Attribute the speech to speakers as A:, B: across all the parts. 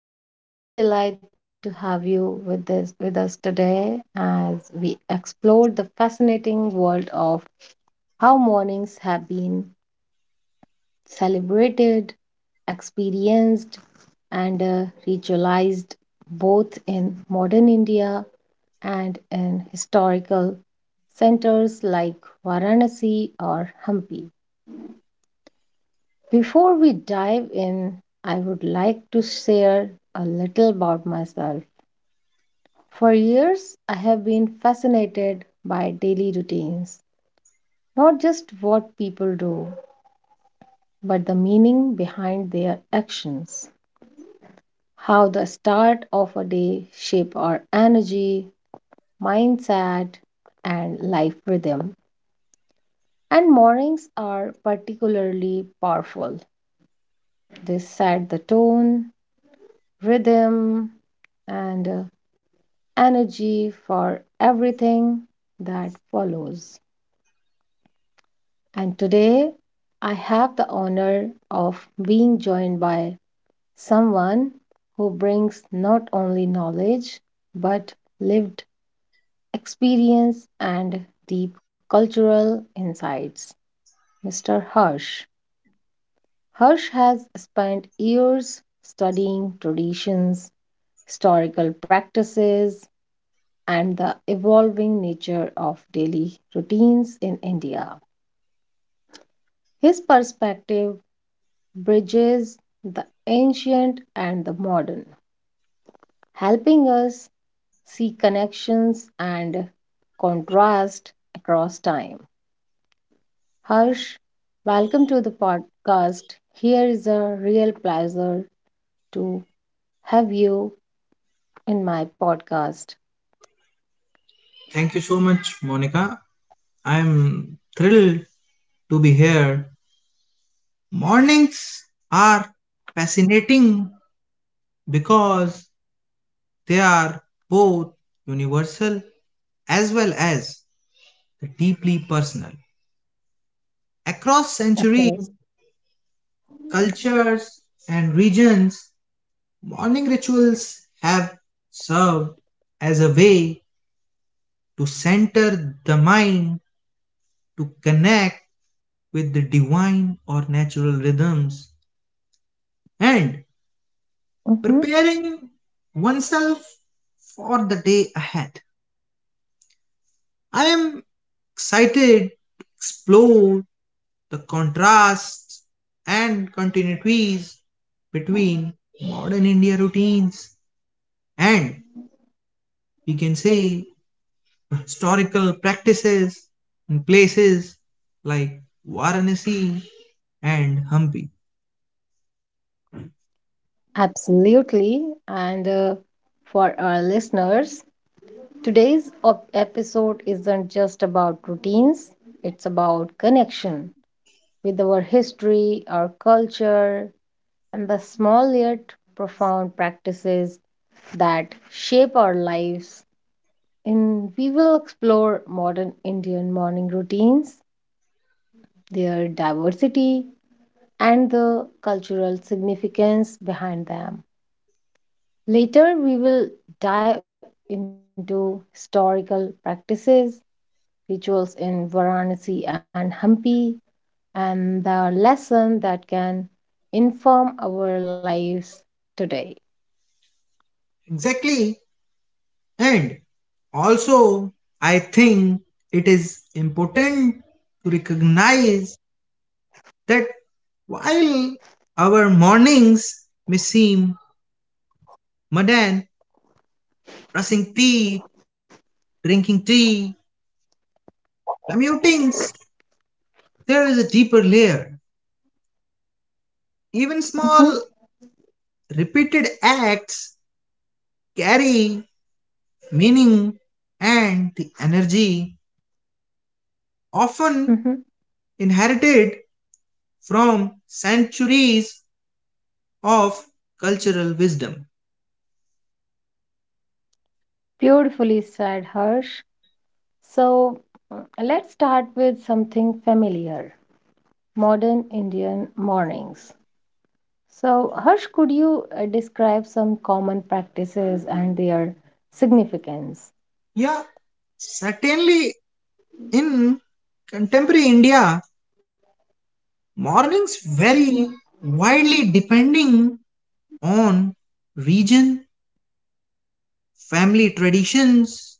A: absolutely delighted to have you with us today as we explore the fascinating world of how mornings have been celebrated, experienced, and ritualized both in modern India and in historical centers like Varanasi or Hampi. Before we dive in, I would like to share a little about myself. For years, I have been fascinated by daily routines, not just what people do, but the meaning behind their actions. How the start of a day shape our energy, mindset, and life rhythm. And mornings are particularly powerful. They set the tone, rhythm, and energy for everything that follows. And today, I have the honor of being joined by someone who brings not only knowledge but lived experience and deep cultural insights. Mr. Hirsch. Hirsch has spent years studying traditions, historical practices, and the evolving nature of daily routines in India. His perspective bridges the ancient and the modern, helping us see connections and contrast across time. Harsh, welcome to the podcast. Here is a real pleasure to have you in my podcast.
B: Thank you so much, Monica. I'm thrilled to be here. Mornings are fascinating because they are both universal as well as deeply personal. Across
A: Okay.
B: centuries, cultures, and regions, morning rituals have served as a way to center the mind, to connect with the divine or natural rhythms, and
A: Mhm.
B: preparing oneself for the day ahead. I am excited to explore the contrasts and continuities between modern India routines and, we can say, historical practices in places like Varanasi and Hampi.
A: Absolutely. And for our listeners, episode isn't just about routines, it's about connection with our history, our culture, and the small yet profound practices that shape our lives and we will explore modern Indian morning routines, their diversity, and the cultural significance behind them. Later, we will dive into historical practices, rituals in Varanasi and Hampi, and the lesson that can inform our lives today.
B: Exactly. And also, I think it is important to recognize that while our mornings may seem mundane, brushing tea, drinking tea, commutings, there is a deeper layer. Even
A: Mhm,
B: small, repeated acts carry meaning and the energy often
A: mhm.
B: inherited from centuries of cultural wisdom.
A: Beautifully said, Harsh. So, let's start with something familiar modern Indian mornings. So, Harsh, could you describe some common practices and their significance?
B: Yeah, certainly in contemporary India, mornings vary widely depending on region, family traditions,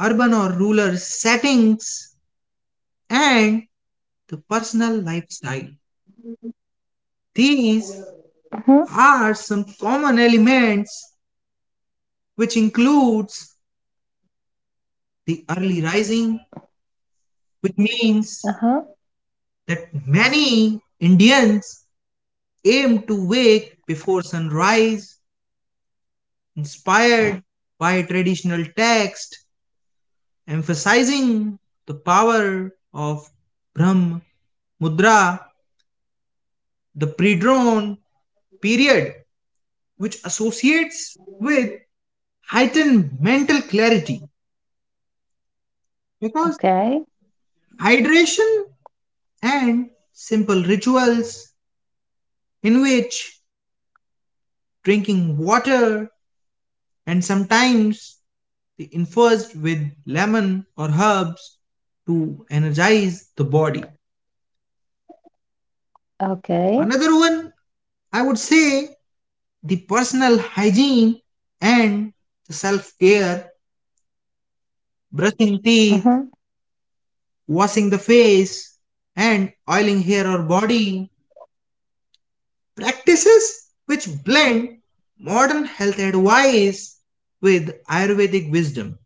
B: urban or rural settings, and the personal lifestyle. These
A: Mm-hmm.
B: are some common elements which includes the early rising, which means
A: Uh-huh.
B: that many Indians aim to wake before sunrise, inspired by traditional texts emphasizing the power of Brahm Mudra, the pre-dawn period, which associates with heightened mental clarity because
A: Okay.
B: hydration and simple rituals in which drinking water and sometimes the infused with lemon or herbs to energize the body.
A: Okay.
B: Another one I would say the personal hygiene and the self care, brushing teeth,
A: Mm-hmm.
B: washing the face, and oiling hair or body. Practices which blend modern health advice with Ayurvedic wisdom.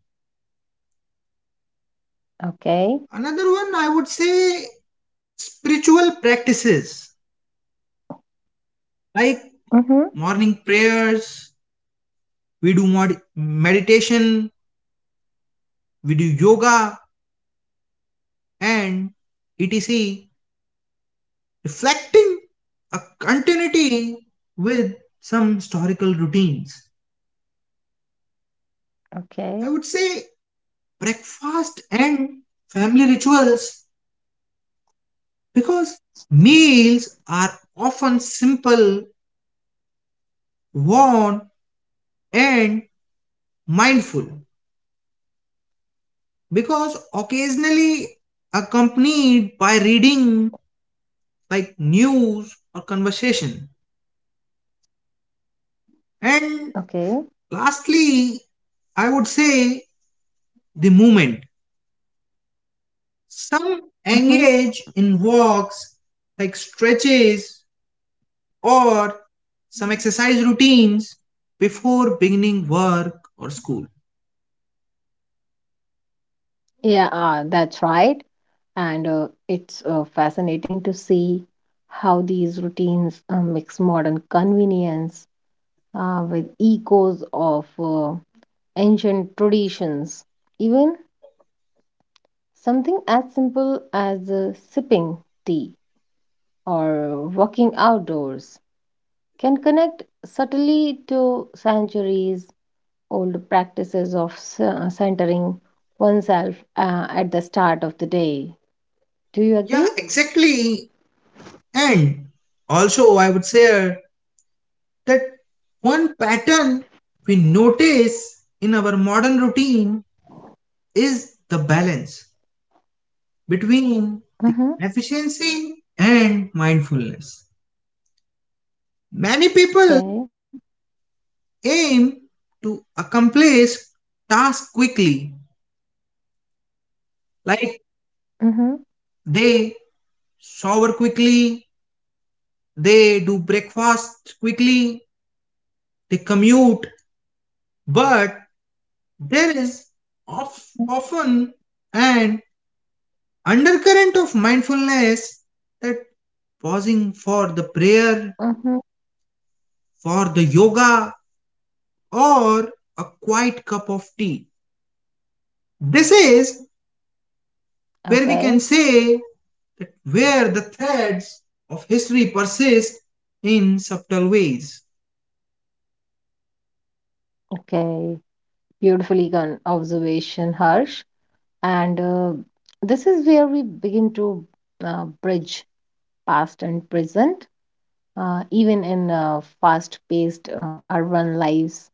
A: Okay.
B: Another one I would say spiritual practices
A: Mm-hmm.
B: like morning prayers, we do meditation, we do yoga, and etc. reflecting a continuity with some historical routines.
A: Okay.
B: I would say breakfast and family rituals because meals are often simple, warm, and mindful because occasionally accompanied by reading like news or conversation. And
A: Okay.
B: lastly, I would say the movement. Some
A: Mm-hmm.
B: engage in walks like stretches or some exercise routines before beginning work or school.
A: Yeah, that's right. And it's fascinating to see how these routines mix modern convenience with echoes of ancient traditions. Even something as simple as sipping tea or walking outdoors can connect subtly to centuries old practices of centering oneself at the start of the day. Do you
B: Yeah,
A: agree?
B: exactly. And also, I would say that one pattern we notice in our modern routine is the balance between the
A: Mm-hmm.
B: efficiency and mindfulness. Many people
A: Okay.
B: aim to accomplish tasks quickly. Like
A: Mm-hmm.
B: they shower quickly, they do breakfast quickly, they commute. But there is of, often an undercurrent of mindfulness that pausing for the prayer,
A: Mm-hmm.
B: for the yoga, or a quiet cup of tea. This is
A: Okay.
B: where we can say where the threads of history persist in subtle ways.
A: Okay. Beautifully done observation, Harsh. And this is where we begin to bridge past and present, even in fast paced urban lives,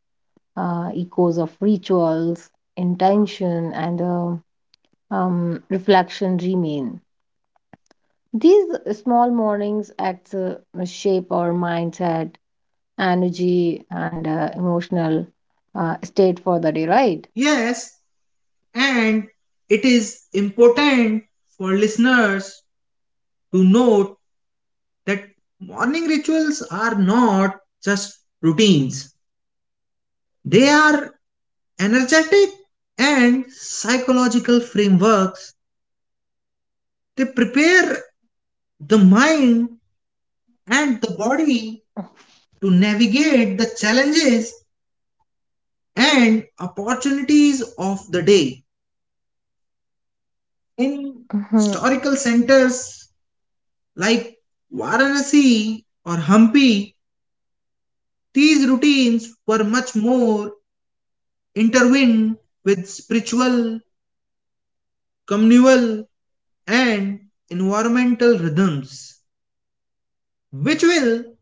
A: echoes of rituals, intention, and reflection remain. These small mornings acts shape our mindset, energy, and emotional state for the day, right?
B: Yes, and it is important for listeners to note that morning rituals are not just routines, they are energetic and psychological frameworks. They prepare the mind and the body to navigate the challenges and opportunities of the day. In
A: Mhm.
B: historical centers like Varanasi or Hampi, these routines were much more intertwined with spiritual, communal, and environmental rhythms, which will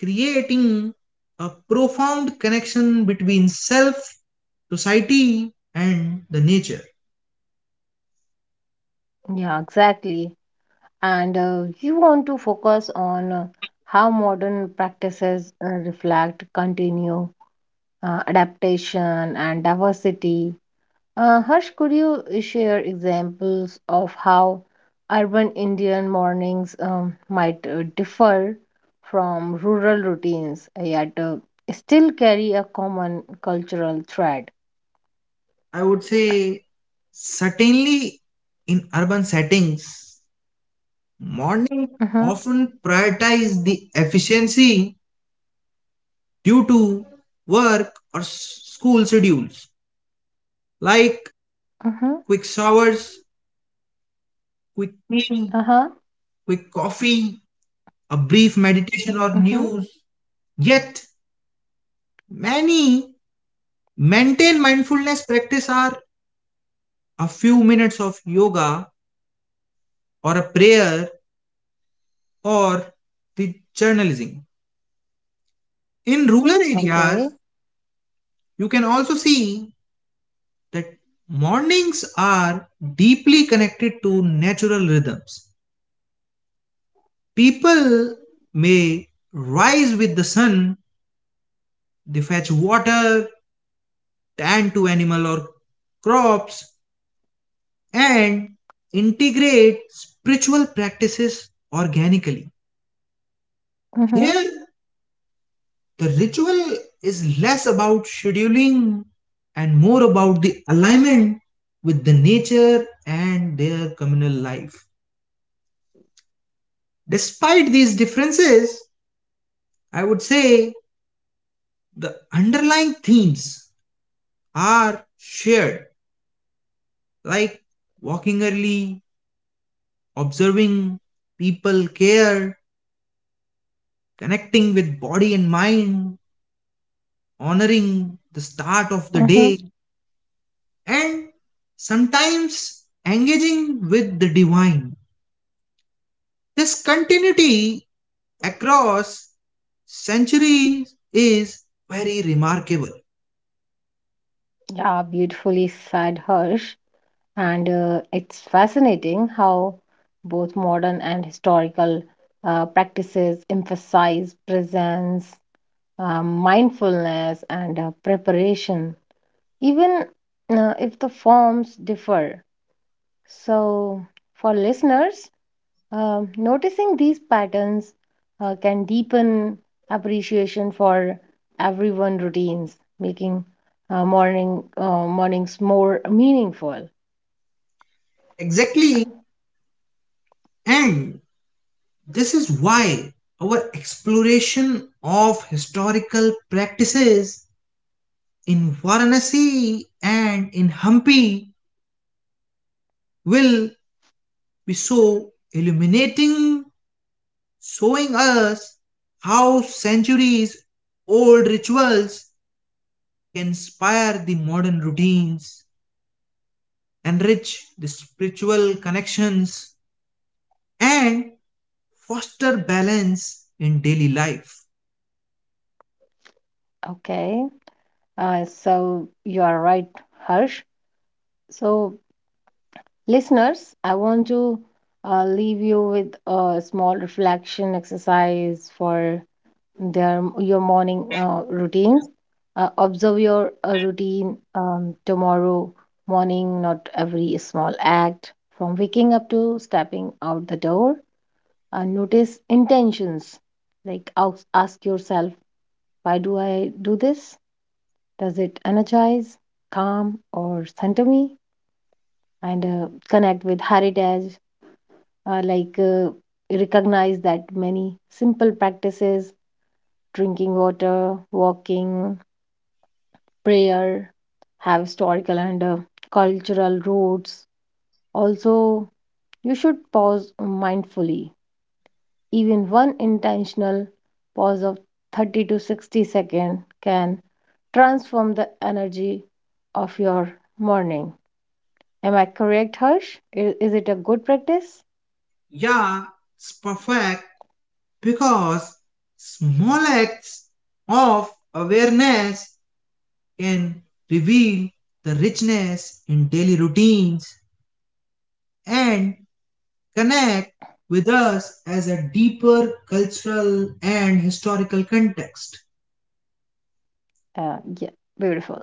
B: creating a profound connection between self, society, and the nature.
A: Yeah, exactly. And you want to focus on how modern practices reflect, continue, adaptation and diversity. Harsh, could you share examples of how urban Indian mornings might differ from rural routines, yet still carry a common cultural thread?
B: I would say certainly in urban settings morning
A: Mm-hmm,
B: often prioritize the efficiency due to work or school schedules like
A: mm-hmm,
B: quick showers, quick tea,
A: uh-huh,
B: quick coffee, a brief meditation or
A: mm-hmm.
B: news. Yet many maintain mindfulness practice are a few minutes of yoga or a prayer or the journalism. In rural
A: Okay.
B: areas, you can also see that mornings are deeply connected to natural rhythms. People may rise with the sun, they fetch water, tend to animal or crops, and integrate spiritual practices organically. Here,
A: Mm-hmm,
B: the ritual is less about scheduling and more about the alignment with the nature and their communal life. Despite these differences, I would say the underlying themes are shared, like walking early, observing, people care, connecting with body and mind, honoring the start of the
A: mm-hmm.
B: day, and sometimes engaging with the divine. This continuity across centuries is very remarkable.
A: Yeah, beautifully said, Harsh. And it's fascinating how both modern and historical practices emphasize presence, mindfulness, and preparation, even if the forms differ. So, for listeners, noticing these patterns can deepen appreciation for everyone routines, making mornings more meaningful.
B: Exactly. And this is why our exploration of historical practices in Varanasi and in Hampi will be so illuminating, showing us how centuries old rituals can inspire the modern routines, enrich the spiritual connections, and foster balance in daily life.
A: Okay. So you are right, Harsh. So, listeners, I want to leave you with a small reflection exercise for their your morning routines. Observe your routine tomorrow morning, not every small act from waking up to stepping out the door. Notice intentions, like ask yourself, why do I do this? Does it energize, calm, or center me? And connect with heritage, uh, like uh, recognize that many simple practices, drinking water, walking, prayer, have historical and cultural roots. Also, you should pause mindfully. Even one intentional pause of 30 to 60 seconds can transform the energy of your morning. Am I correct, Harsh? Is it a good practice?
B: Yeah, it's perfect, because small acts of awareness can reveal the richness in daily routines and connect with us as a deeper cultural and historical context.
A: Yeah, beautiful.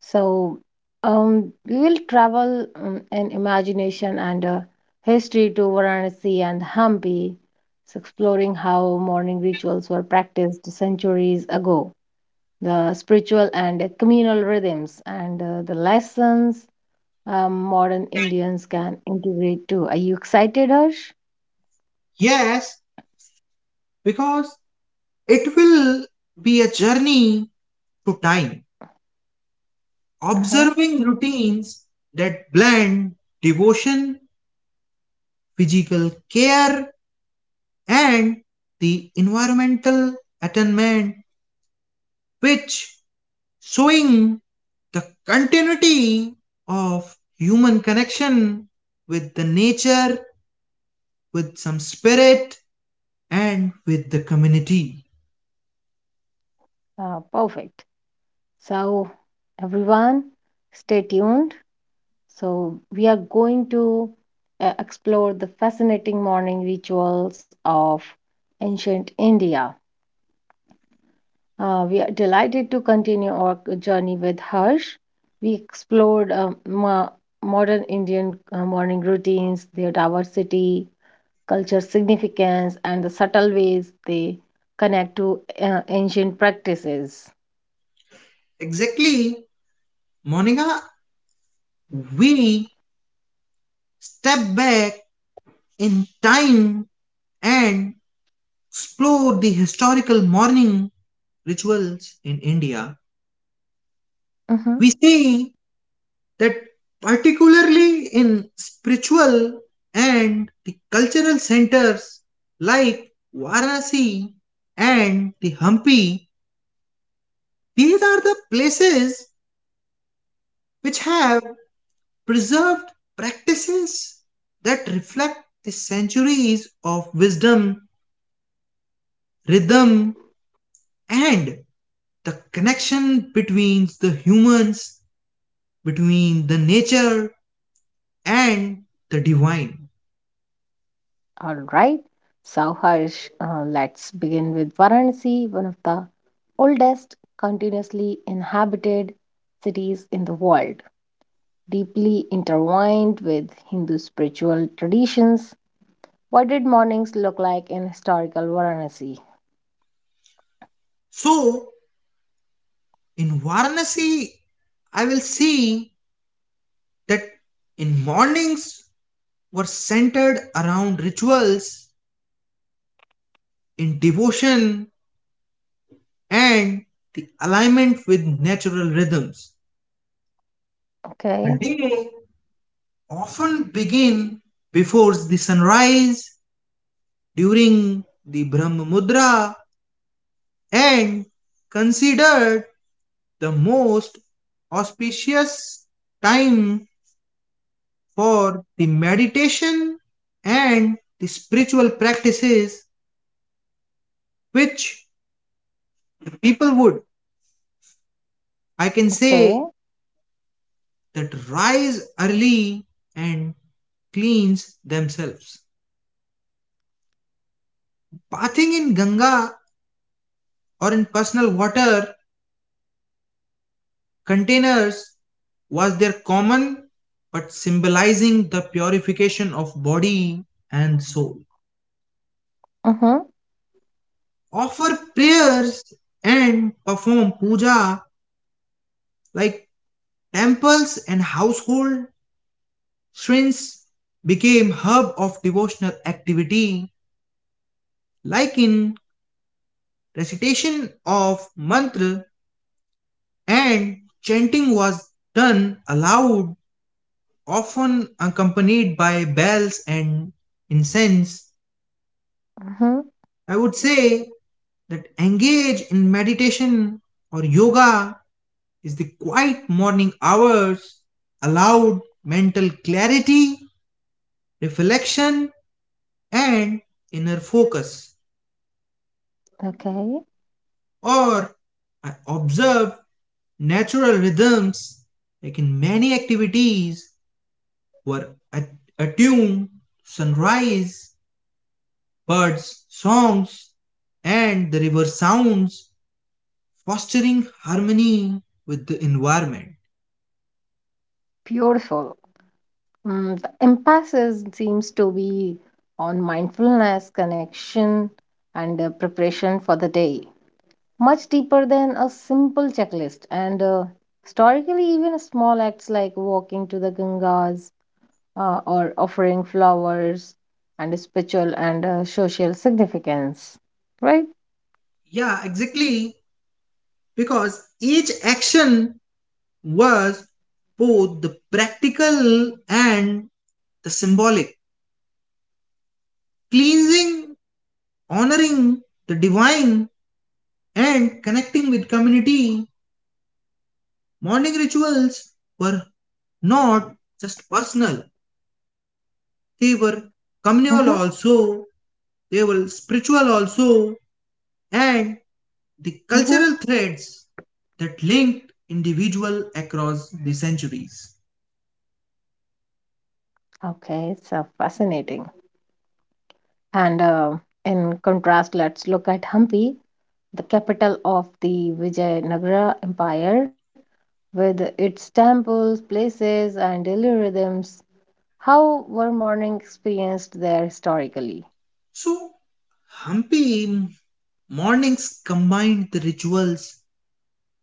A: So, we will travel in imagination and history to Varanasi and Hampi, so exploring how morning rituals were practiced centuries ago, the spiritual and communal rhythms, and the lessons modern Indians can integrate too. Are you excited, Harsh?
B: Yes, because it will be a journey to time,
A: Uh-huh.
B: observing routines that blend devotion, physical care, and the environmental attainment which showing the continuity of human connection with the nature with some spirit and with the community.
A: Perfect. So, everyone, stay tuned. So, we are going to explore the fascinating morning rituals of ancient India. We are delighted to continue our journey with Harsh. We explored modern Indian morning routines, their diversity, culture significance, and the subtle ways they connect to ancient practices.
B: Exactly, Monica. We step back in time and explore the historical mourning rituals in India.
A: Mhm.
B: We see that particularly in spiritual and the cultural centers like Varanasi and the Hampi, these are the places which have preserved practices that reflect the centuries of wisdom, rhythm, and the connection between the humans, between the nature and the divine.
A: All right. So, Harsh, let's begin with Varanasi, one of the oldest continuously inhabited cities in the world, deeply intertwined with Hindu spiritual traditions. What did mornings look like in historical Varanasi?
B: So, in Varanasi, I will see that in mornings were centered around rituals in devotion and the alignment with natural rhythms. The
A: Okay,
B: day often begin before the sunrise during the Brahma Mudra and considered the most auspicious time for the meditation and the spiritual practices which people would, I can
A: okay.
B: say, that rise early and cleanse themselves. Bathing in Ganga or in personal water containers was their common but symbolizing the purification of body and soul.
A: Mm-hmm,
B: Offer prayers and perform puja like temples and household Srinivas became hub of devotional activity like in recitation of mantra and chanting was done aloud often accompanied by bells and incense.
A: mm-hmm,
B: I would say that engage in meditation or yoga is the quiet morning hours allowed mental clarity, reflection and inner focus.
A: okay.
B: Or I observe natural rhythms like in many activities were attuned to sunrise, birds' songs, and the river sounds, fostering harmony with the environment.
A: Beautiful. Mm, the emphasis seems to be on mindfulness, connection, and preparation for the day. Much deeper than a simple checklist. And historically, even small acts like walking to the Gangas or offering flowers and spiritual and social significance, right?
B: Yeah, exactly. Because each action was both the practical and the symbolic. Cleansing, honoring the divine, and connecting with community. Morning rituals were not just personal, they were
A: Mm-hmm,
B: communal also, they were spiritual also, and the
A: mm-hmm.
B: cultural threads that linked individual across the centuries.
A: Okay, it's fascinating. And in contrast, let's look at Hampi, the capital of the Vijayanagara Empire, with its temples, places, and daily rhythms. How were mourning experienced there historically?
B: So, Hampi mornings combined the rituals,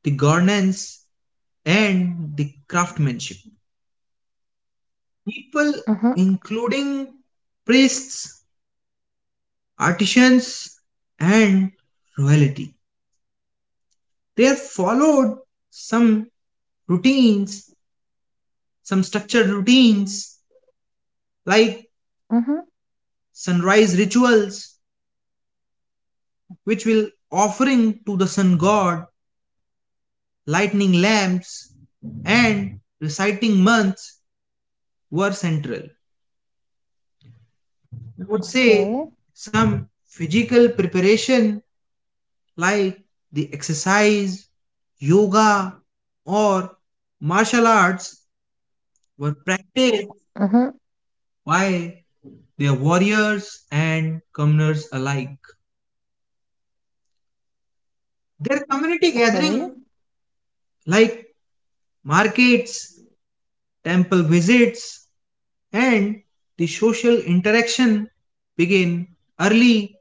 B: the governance, and the craftsmanship. People,
A: Mm-hmm.
B: including priests, artisans and royalty. They have followed some routines, some structured routines like
A: Mm-hmm.
B: sunrise rituals, which will offering to the sun god, lightning lamps, and reciting months were central. I would say
A: Okay.
B: some physical preparation like the exercise, yoga, or martial arts were practiced.
A: Mm-hmm.
B: Why, they're warriors and commoners alike. Their community
A: Okay.
B: gathering, like markets, temple visits, and the social interaction, begin early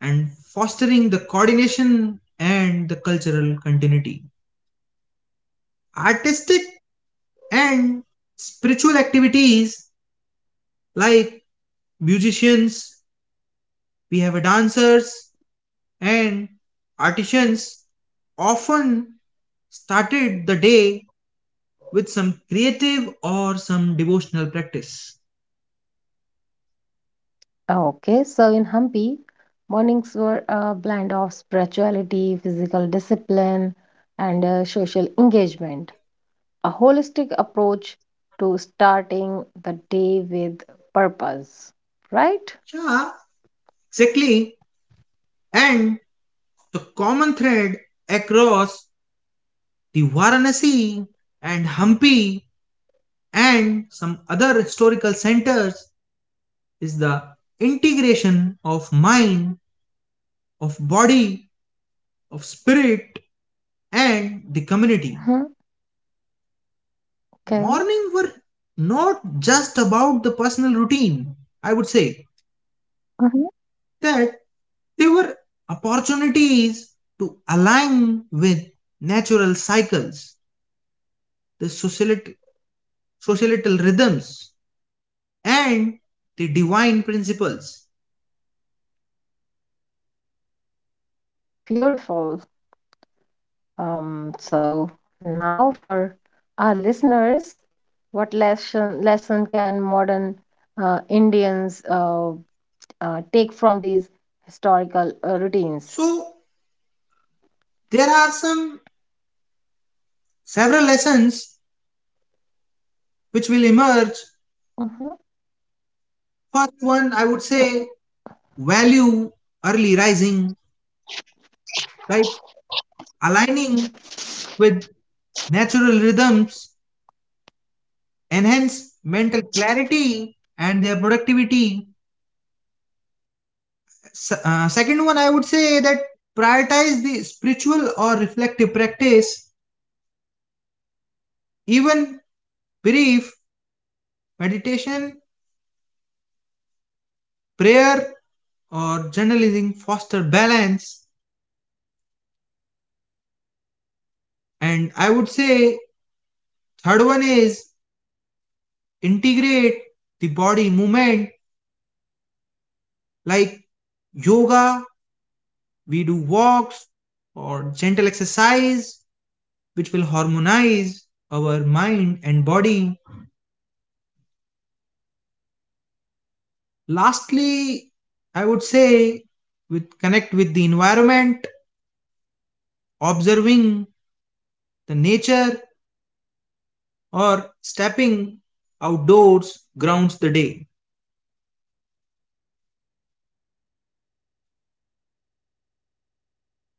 B: and fostering the coordination and the cultural continuity. Artistic and spiritual activities like musicians, we have dancers, and artisans often started the day with some creative or some devotional practice.
A: Okay, so in Hampi, mornings were a blend of spirituality, physical discipline, and social engagement. A holistic approach to starting the day with purpose, right?
B: Yeah, exactly. And the common thread across the Varanasi and Hampi and some other historical centers is the integration of mind, of body, of spirit, and the community.
A: Mm-hmm.
B: Morning were
A: Okay.
B: not just about the personal routine. I would say
A: Mm-hmm.
B: that they were opportunities to align with natural cycles, the societal rhythms and the divine principles.
A: Beautiful. So now for our listeners, what lesson can modern Indians take from these historical routines?
B: So there are some several lessons which will emerge.
A: Mhm.
B: First one I would say value early rising, right, aligning with natural rhythms enhance mental clarity and their productivity. Second one, I would say that
A: Okay,
B: prioritize the spiritual or reflective practice, even brief meditation, prayer, or journalism foster
A: I
B: balance.
A: think I should also add about prioritize
B: And I would
A: spiritual or
B: say third
A: reflective
B: one is
A: practice, even
B: integrate
A: brief
B: the body movement
A: meditation, prayer, or
B: like yoga,
A: journaling foster
B: we do
A: balance.
B: walks or gentle
A: And
B: exercise,
A: integrate body
B: which will
A: movement,
B: harmonize our
A: yoga,
B: mind and
A: walks,
B: body.
A: or gentle exercise, harmonize mind and
B: Lastly, I would
A: body.
B: say with connect with the
A: And there
B: environment,
A: must be one more, which is connect with
B: observing
A: environment,
B: the
A: uh,
B: nature
A: observing nature
B: or
A: for or
B: stepping
A: stepping
B: outdoors
A: outdoor
B: grounds the
A: grounds
B: day.
A: the day, and cultivate community, morning greetings, shared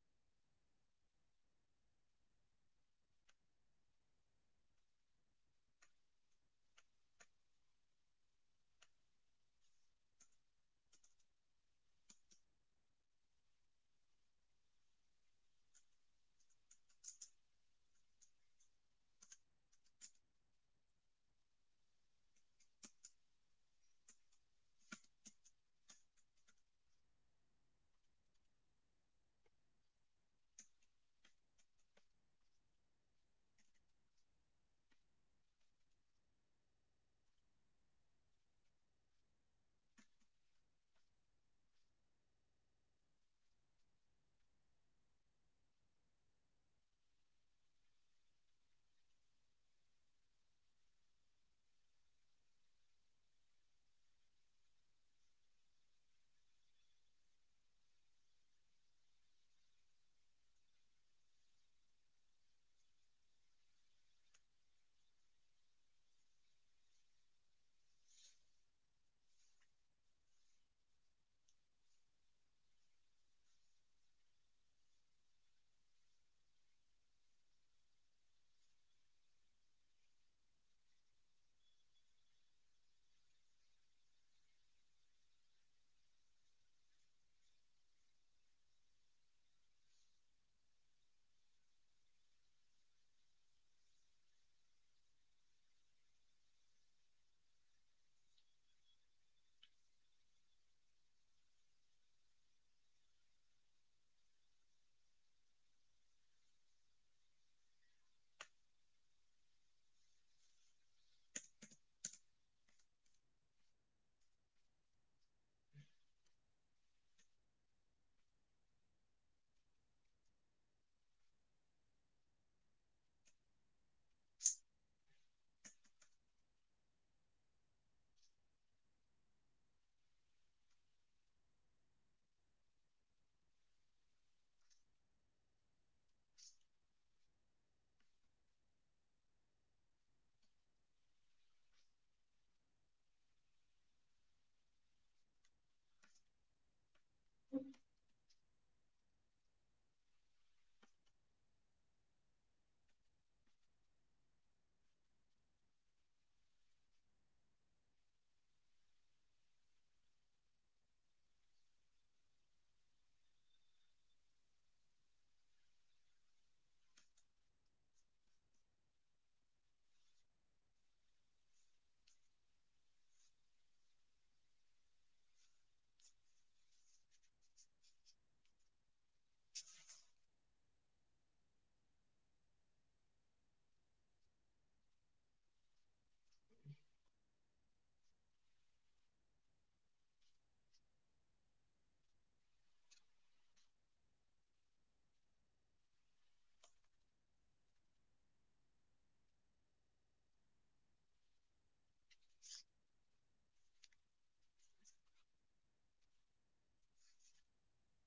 A: rituals, or family breakfast, nurture social bonds. So the all these are you have shared a lots of things. So I think even in faster paced modern lives, Harsh, these principles can be adapted for listeners. Instance, a brief meditation before coffee, a short walk, or a mindful awareness during breakfast can echo centuries old wisdom. So thank you, everyone. Now it's time to signing off, and I would like to thank Harsh for share sharing your insights, reflection, and historical knowledge. And thank you, dear listeners, for joining us on this journey. May your mornings become sacred spaces of awareness, vitality, and connection, a bridge between centuries of wisdom and modern life. So, and to everyone listening, remember every sunrise is an invitation to practice intention, presence, and renewal. Take it, cherish it, and let it shape your day. So, let this be your guide. Start each morning with awareness, movement, reflection, and connection. Honor the rhythm of life, the wisdom of the past, and the potential of the present. This is the timeless art of morning rituals. I'm your host Monica and would like to thank you everyone for listening me and I would like to say you a sweet goodbye. So take care everyone. I'm your host Monica signing off. Take care. Bye bye.